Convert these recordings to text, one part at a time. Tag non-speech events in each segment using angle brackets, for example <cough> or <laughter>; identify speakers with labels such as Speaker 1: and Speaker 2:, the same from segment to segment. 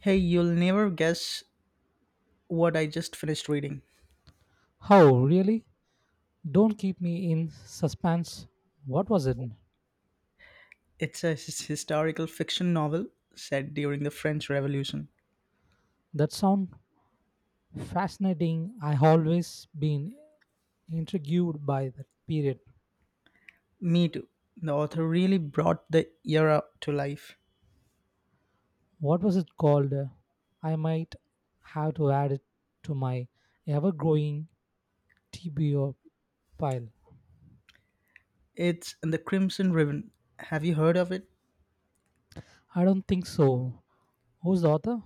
Speaker 1: Hey, you'll never guess what I just finished reading.
Speaker 2: Oh, really? Don't keep me in suspense. What was it?
Speaker 1: It's a historical fiction novel set during the French Revolution.
Speaker 2: That sound fascinating. I always been intrigued by that period.
Speaker 1: Me too. The author really brought the era to life.
Speaker 2: What was it called? I might have to add it to my ever-growing TBO pile.
Speaker 1: It's in The Crimson Ribbon. Have you heard of it?
Speaker 2: I don't think so. Who's the author?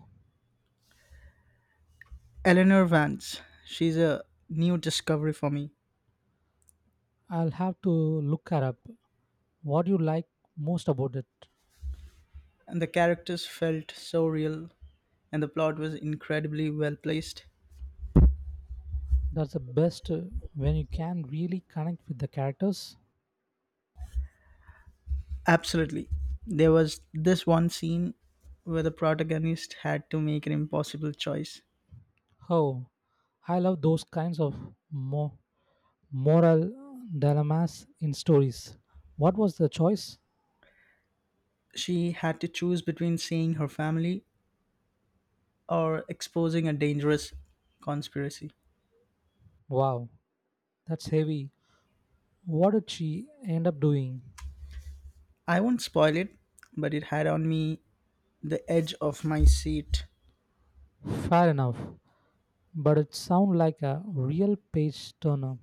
Speaker 1: Eleanor Vance. She's a new discovery for me.
Speaker 2: I'll have to look her up. What do you like most about it?
Speaker 1: And the characters felt so real, and the plot was incredibly well placed.
Speaker 2: That's the best when you can really connect with the characters.
Speaker 1: Absolutely. There was this one scene where the protagonist had to make an impossible choice.
Speaker 2: Oh, I love those kinds of mo- moral dilemmas in stories. What was the choice?
Speaker 1: She had to choose between seeing her family or exposing a dangerous conspiracy.
Speaker 2: Wow, that's heavy. What did she end up doing?
Speaker 1: I won't spoil it, but it had on me the edge of my seat.
Speaker 2: Fair enough, but it sounds like a real page turner.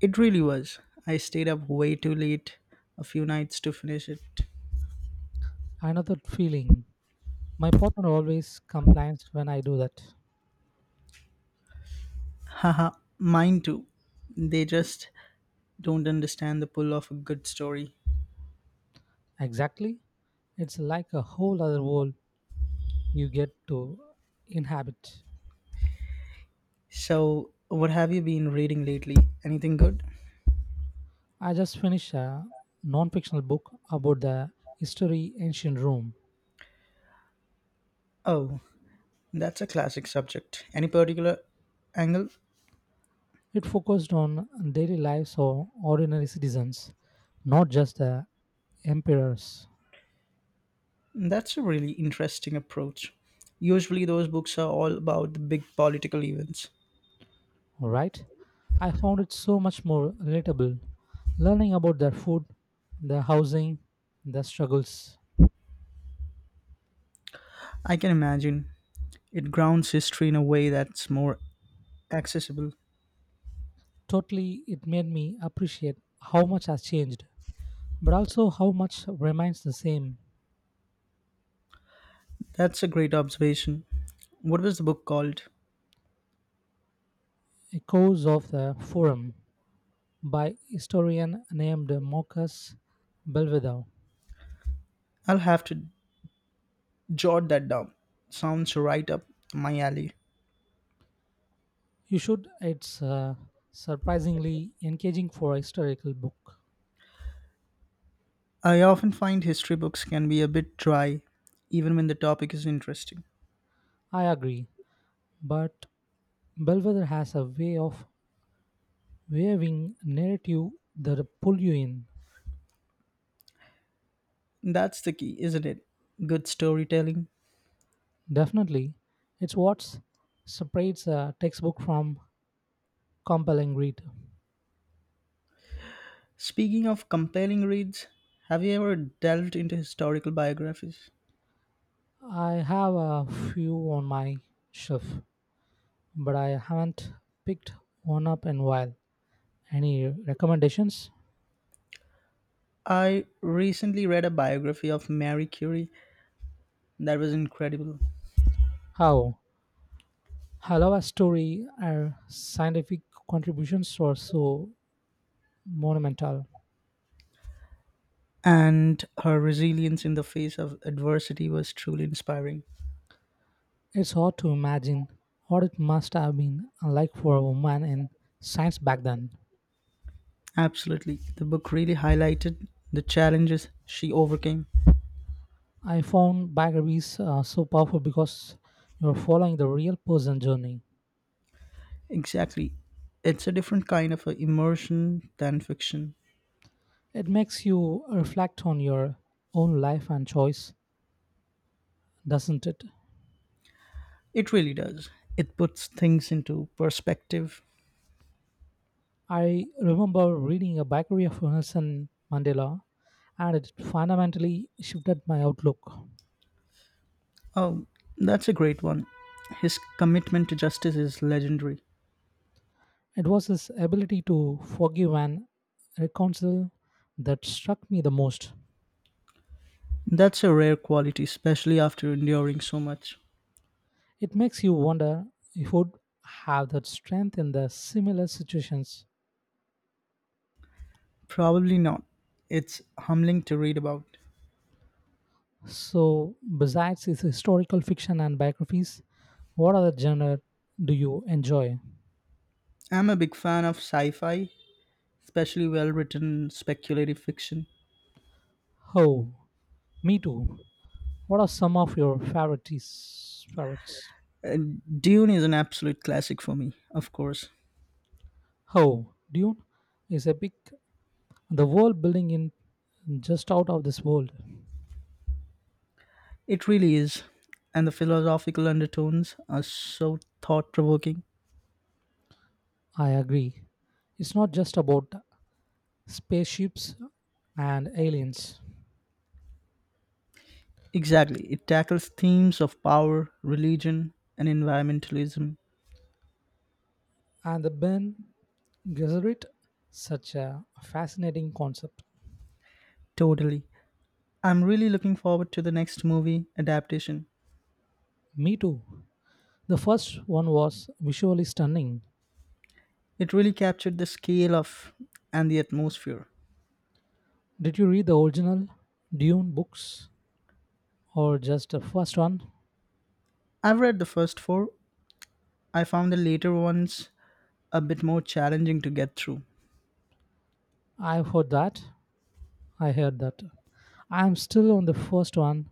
Speaker 1: It really was. I stayed up way too late a few nights to finish it.
Speaker 2: Another feeling. My partner always complains when I do that.
Speaker 1: Haha, mine too. They just don't understand the pull of a good story.
Speaker 2: Exactly. It's like a whole other world you get to inhabit.
Speaker 1: So, what have you been reading lately? Anything good?
Speaker 2: I just finished a non-fictional book about the history ancient Rome.
Speaker 1: Oh, that's a classic subject. Any particular angle?
Speaker 2: It focused on daily lives of ordinary citizens, not just the emperors.
Speaker 1: That's a really interesting approach. Usually, those books are all about the big political events.
Speaker 2: Right? I found it so much more relatable. Learning about their food, their housing, their struggles.
Speaker 1: I can imagine. It grounds history in a way that's more accessible.
Speaker 2: Totally, it made me appreciate how much has changed, but also how much remains the same
Speaker 1: That's a great observation. What was the book called?
Speaker 2: echoes of the forum. By historian named Marcus Belvedere.
Speaker 1: I'll have to jot that down. Sounds right up my alley.
Speaker 2: You should. It's surprisingly engaging for a historical book.
Speaker 1: I often find history books can be a bit dry, even when the topic is interesting.
Speaker 2: I agree, but Belvedere has a way of weaving narrative that pull you in.
Speaker 1: That's the key, isn't it? Good storytelling.
Speaker 2: Definitely, it's what separates a textbook from compelling read.
Speaker 1: Speaking of compelling reads, have you ever delved into historical biographies?
Speaker 2: I have a few on my shelf, but I haven't picked one up in a while. Any recommendations?
Speaker 1: I recently read a biography of Marie Curie that was incredible,
Speaker 2: How? Halawa's story, and scientific contributions were so monumental.
Speaker 1: and her resilience in the face of adversity was truly inspiring.
Speaker 2: It's hard to imagine what it must have been like for a woman in science back then.
Speaker 1: Absolutely. The book really highlighted the challenges she overcame.
Speaker 2: I found biographies so powerful because you're following the real person journey.
Speaker 1: Exactly. It's a different kind of a immersion than fiction.
Speaker 2: It makes you reflect on your own life and choice, doesn't it?
Speaker 1: It really does. It puts things into perspective.
Speaker 2: I remember reading a biography of Nelson Mandela, and it fundamentally shifted my outlook.
Speaker 1: Oh, that's a great one. His commitment to justice is legendary.
Speaker 2: It was his ability to forgive and reconcile that struck me the most.
Speaker 1: That's a rare quality, especially after enduring so much.
Speaker 2: It makes you wonder if would have that strength in the similar situations.
Speaker 1: Probably not. It's humbling to read about.
Speaker 2: So, besides his historical fiction and biographies, what other genre do you enjoy?
Speaker 1: I'm a big fan of sci fi, especially well written speculative fiction.
Speaker 2: Oh, me too. What are some of your favorites? Favorites?
Speaker 1: Uh, Dune is an absolute classic for me, of course.
Speaker 2: Oh, Dune is epic. The world building in just out of this world.
Speaker 1: It really is. And the philosophical undertones are so thought provoking.
Speaker 2: I agree. It's not just about spaceships and aliens.
Speaker 1: Exactly. It tackles themes of power, religion, and environmentalism.
Speaker 2: And the Ben Gesserit, such a fascinating concept.
Speaker 1: Totally. I'm really looking forward to the next movie adaptation.
Speaker 2: Me too. The first one was visually stunning.
Speaker 1: It really captured the scale of and the atmosphere.
Speaker 2: Did you read the original Dune books or just the first one?
Speaker 1: I've read the first four. I found the later ones a bit more challenging to get through.
Speaker 2: I've heard that. I heard that. I'm still on the first one.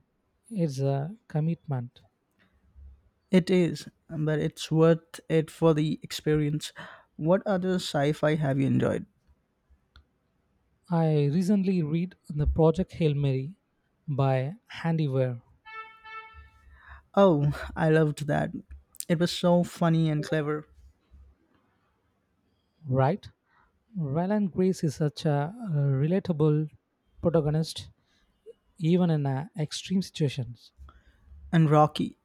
Speaker 2: It's a commitment.
Speaker 1: It is, but it's worth it for the experience. What other sci fi have you enjoyed?
Speaker 2: I recently read the Project Hail Mary by Handy Ware.
Speaker 1: Oh, I loved that. It was so funny and clever.
Speaker 2: Right? Ryland Grace is such a relatable protagonist, even in extreme situations.
Speaker 1: And Rocky.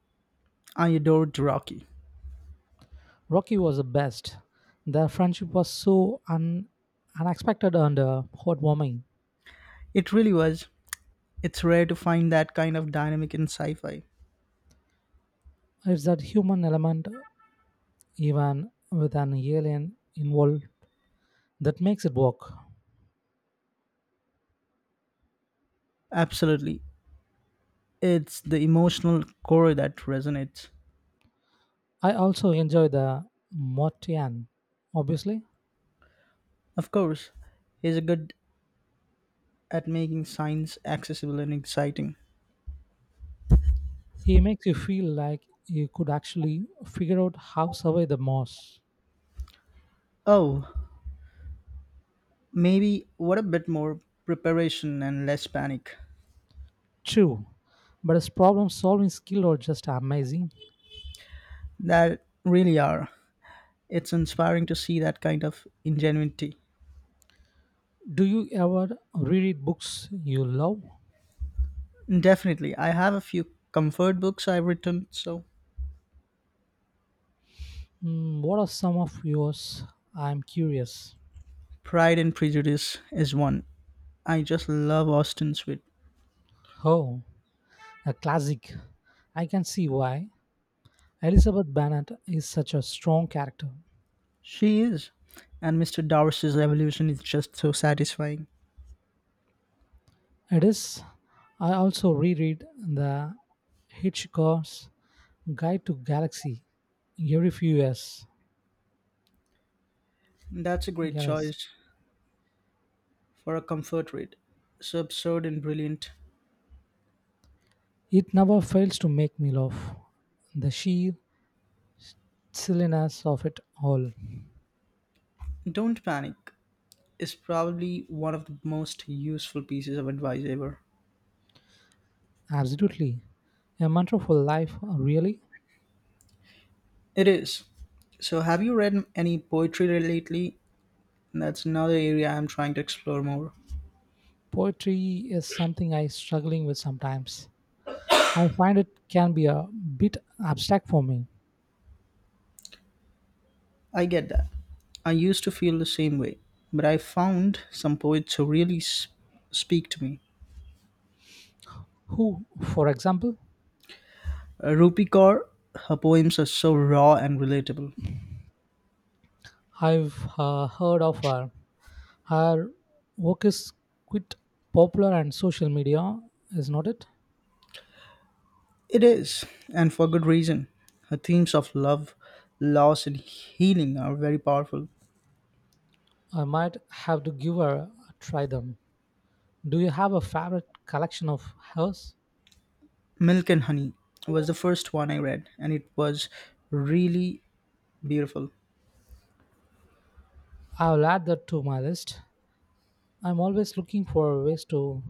Speaker 1: I adored Rocky.
Speaker 2: Rocky was the best. Their friendship was so unexpected and heartwarming.
Speaker 1: It really was. It's rare to find that kind of dynamic in sci fi.
Speaker 2: It's that human element, even with an alien involved, that makes it work.
Speaker 1: Absolutely. It's the emotional core that resonates.
Speaker 2: I also enjoy the Mortian, obviously.
Speaker 1: Of course, he's good at making science accessible and exciting.
Speaker 2: He makes you feel like you could actually figure out how survive the Moss.
Speaker 1: Oh, maybe what a bit more preparation and less panic.
Speaker 2: True, but his problem solving skill are just amazing.
Speaker 1: That really are. It's inspiring to see that kind of ingenuity.
Speaker 2: Do you ever reread books you love?
Speaker 1: Definitely, I have a few comfort books I've written, so
Speaker 2: Mm, what are some of yours? I'm curious.
Speaker 1: Pride and Prejudice is one. I just love Austen Sweet.
Speaker 2: Oh, a classic. I can see why. Elizabeth Bennet is such a strong character.
Speaker 1: She is. And Mr. Darcy's evolution is just so satisfying.
Speaker 2: It is. I also reread the Hitchcock's Guide to Galaxy every few years.
Speaker 1: That's a great
Speaker 2: Galaxy.
Speaker 1: choice for a comfort read. So absurd and brilliant.
Speaker 2: It never fails to make me laugh. The sheer silliness of it all.
Speaker 1: Don't panic is probably one of the most useful pieces of advice ever.
Speaker 2: Absolutely. A mantra for life, really?
Speaker 1: It is. So have you read any poetry lately? That's another area I'm trying to explore more.
Speaker 2: Poetry is something I struggling with sometimes. I find it can be a bit abstract for me.
Speaker 1: I get that. I used to feel the same way, but I found some poets who really speak to me.
Speaker 2: Who, for example,
Speaker 1: Rupi Kaur, her poems are so raw and relatable.
Speaker 2: I've heard of her. Her work is quite popular and social media, is not it?
Speaker 1: It is, and for good reason. Her themes of love, loss, and healing are very powerful.
Speaker 2: I might have to give her a try them. Do you have a favorite collection of hers?
Speaker 1: Milk and Honey was the first one I read, and it was really beautiful.
Speaker 2: I'll add that to my list. I'm always looking for ways to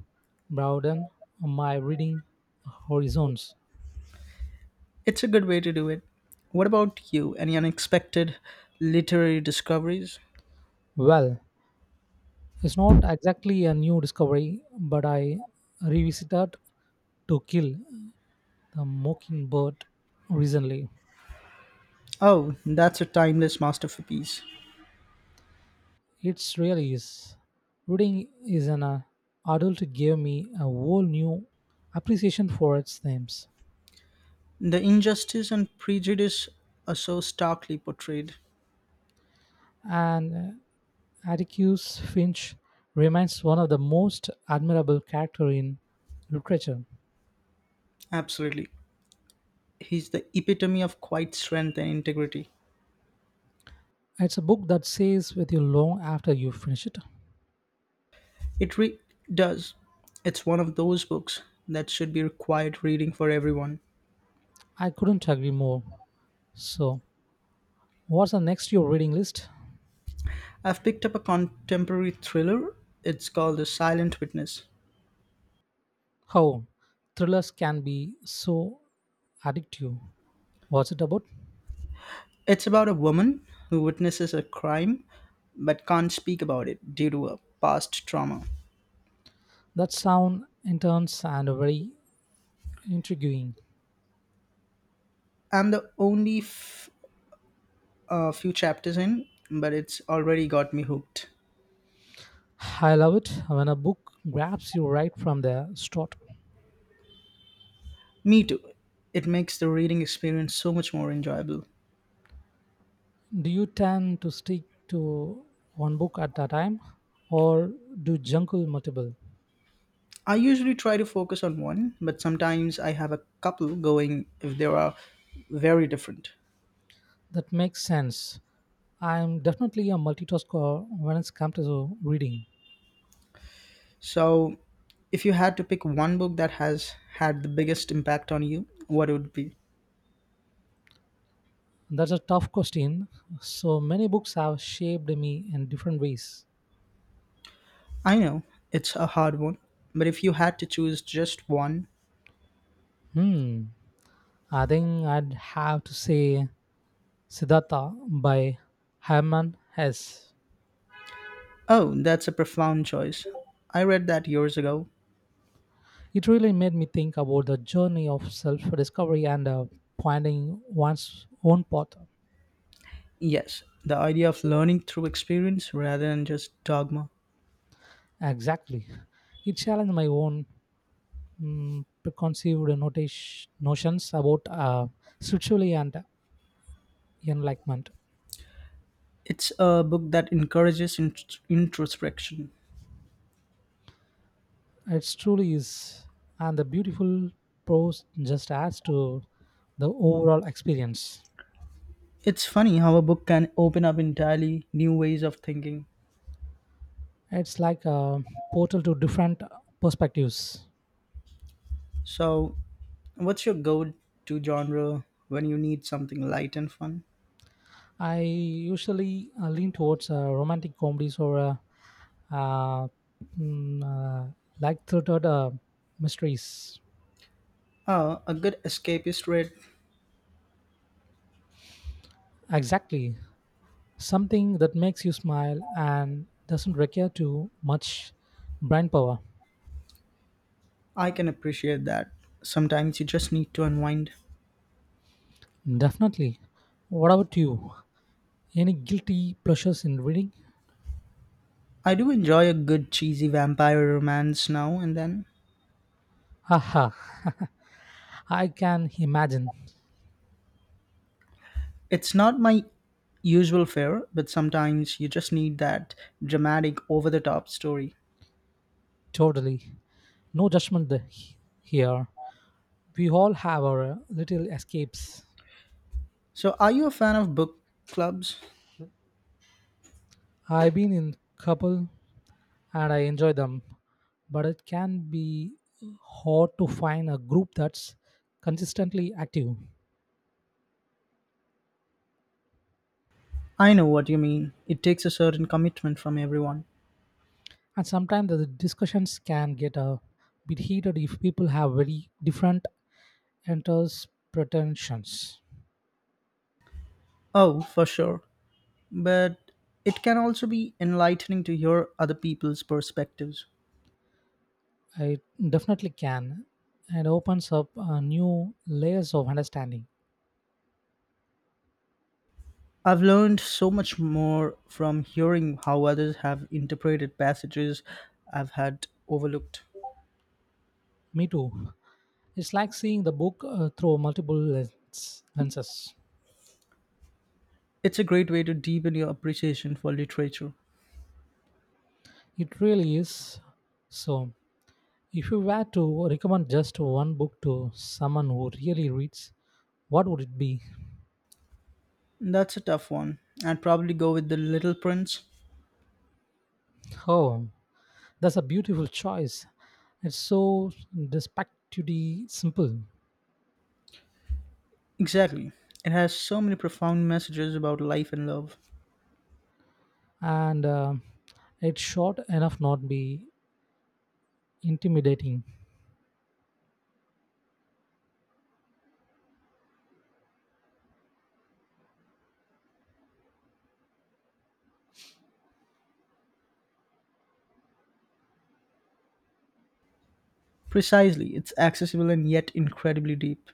Speaker 2: broaden my reading horizons.
Speaker 1: It's a good way to do it. What about you? Any unexpected literary discoveries?
Speaker 2: Well, it's not exactly a new discovery, but I revisited To Kill the Mockingbird recently.
Speaker 1: Oh, that's a timeless masterpiece.
Speaker 2: It's really is. Reading is an adult gave me a whole new appreciation for its themes.
Speaker 1: The injustice and prejudice are so starkly portrayed.
Speaker 2: And Atticus Finch remains one of the most admirable characters in literature.
Speaker 1: Absolutely. He's the epitome of quiet strength and integrity.
Speaker 2: It's a book that stays with you long after you finish it.
Speaker 1: It does. It's one of those books that should be required reading for everyone.
Speaker 2: I couldn't agree more. So, what's the next your reading list?
Speaker 1: I've picked up a contemporary thriller. It's called The Silent Witness.
Speaker 2: How thrillers can be so addictive. What's it about?
Speaker 1: It's about a woman who witnesses a crime but can't speak about it due to a past trauma.
Speaker 2: That sound intense and very intriguing.
Speaker 1: I'm the only few chapters in, but it's already got me hooked.
Speaker 2: I love it when a book grabs you right from the start.
Speaker 1: Me too. It makes the reading experience so much more enjoyable.
Speaker 2: Do you tend to stick to one book at a time or do you juggle multiple?
Speaker 1: I usually try to focus on one, but sometimes I have a couple going if they are very different.
Speaker 2: That makes sense. I'm definitely a multitasker when it comes to reading.
Speaker 1: So, if you had to pick one book that has had the biggest impact on you, what would it be?
Speaker 2: That's a tough question. So many books have shaped me in different ways.
Speaker 1: I know it's a hard one, but if you had to choose just one,
Speaker 2: Hmm. I think I'd have to say Siddhartha by Herman Hesse.
Speaker 1: oh, that's a profound choice. I read that years ago.
Speaker 2: It really made me think about the journey of self discovery and finding one's own path.
Speaker 1: Yes, the idea of learning through experience rather than just dogma.
Speaker 2: Exactly. It challenged my own preconceived notions about spirituality and enlightenment.
Speaker 1: It's a book that encourages introspection.
Speaker 2: It truly is, and the beautiful prose just adds to the overall experience.
Speaker 1: It's funny how a book can open up entirely new ways of thinking.
Speaker 2: It's like a portal to different perspectives.
Speaker 1: So, what's your go to genre when you need something light and fun?
Speaker 2: I usually lean towards romantic comedies or uh, mm, uh, light-hearted mysteries.
Speaker 1: Oh, a good escapist read.
Speaker 2: Exactly, something that makes you smile and doesn't require too much brain power.
Speaker 1: I can appreciate that. Sometimes you just need to unwind.
Speaker 2: Definitely. What about you? Any guilty pleasures in reading?
Speaker 1: I do enjoy a good cheesy vampire romance now and then.
Speaker 2: Haha. <laughs> I can imagine.
Speaker 1: It's not my usual fare, but sometimes you just need that dramatic, over the top story.
Speaker 2: Totally. No judgment here. We all have our little escapes.
Speaker 1: So, are you a fan of book clubs?
Speaker 2: I've been in couple and I enjoy them, but it can be hard to find a group that's consistently active.
Speaker 1: I know what you mean. It takes a certain commitment from everyone.
Speaker 2: And sometimes the discussions can get a bit heated if people have very different interpretations.
Speaker 1: Oh, for sure. But it can also be enlightening to hear other people's perspectives.
Speaker 2: It definitely can, and opens up new layers of understanding.
Speaker 1: I've learned so much more from hearing how others have interpreted passages I've had overlooked.
Speaker 2: Me too. It's like seeing the book through multiple lenses.
Speaker 1: It's a great way to deepen your appreciation for literature.
Speaker 2: It really is. So, if you were to recommend just one book to someone who really reads, what would it be?
Speaker 1: That's a tough one. I'd probably go with The Little Prince.
Speaker 2: Oh, that's a beautiful choice. It's so despectively simple,
Speaker 1: Exactly. It has so many profound messages about life and love.
Speaker 2: and it's short enough not be intimidating.
Speaker 1: Precisely, it's accessible and yet incredibly deep.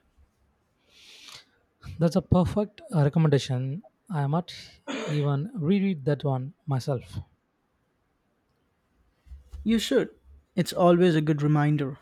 Speaker 2: That's a perfect recommendation. I might even reread that one myself.
Speaker 1: You should. It's always a good reminder.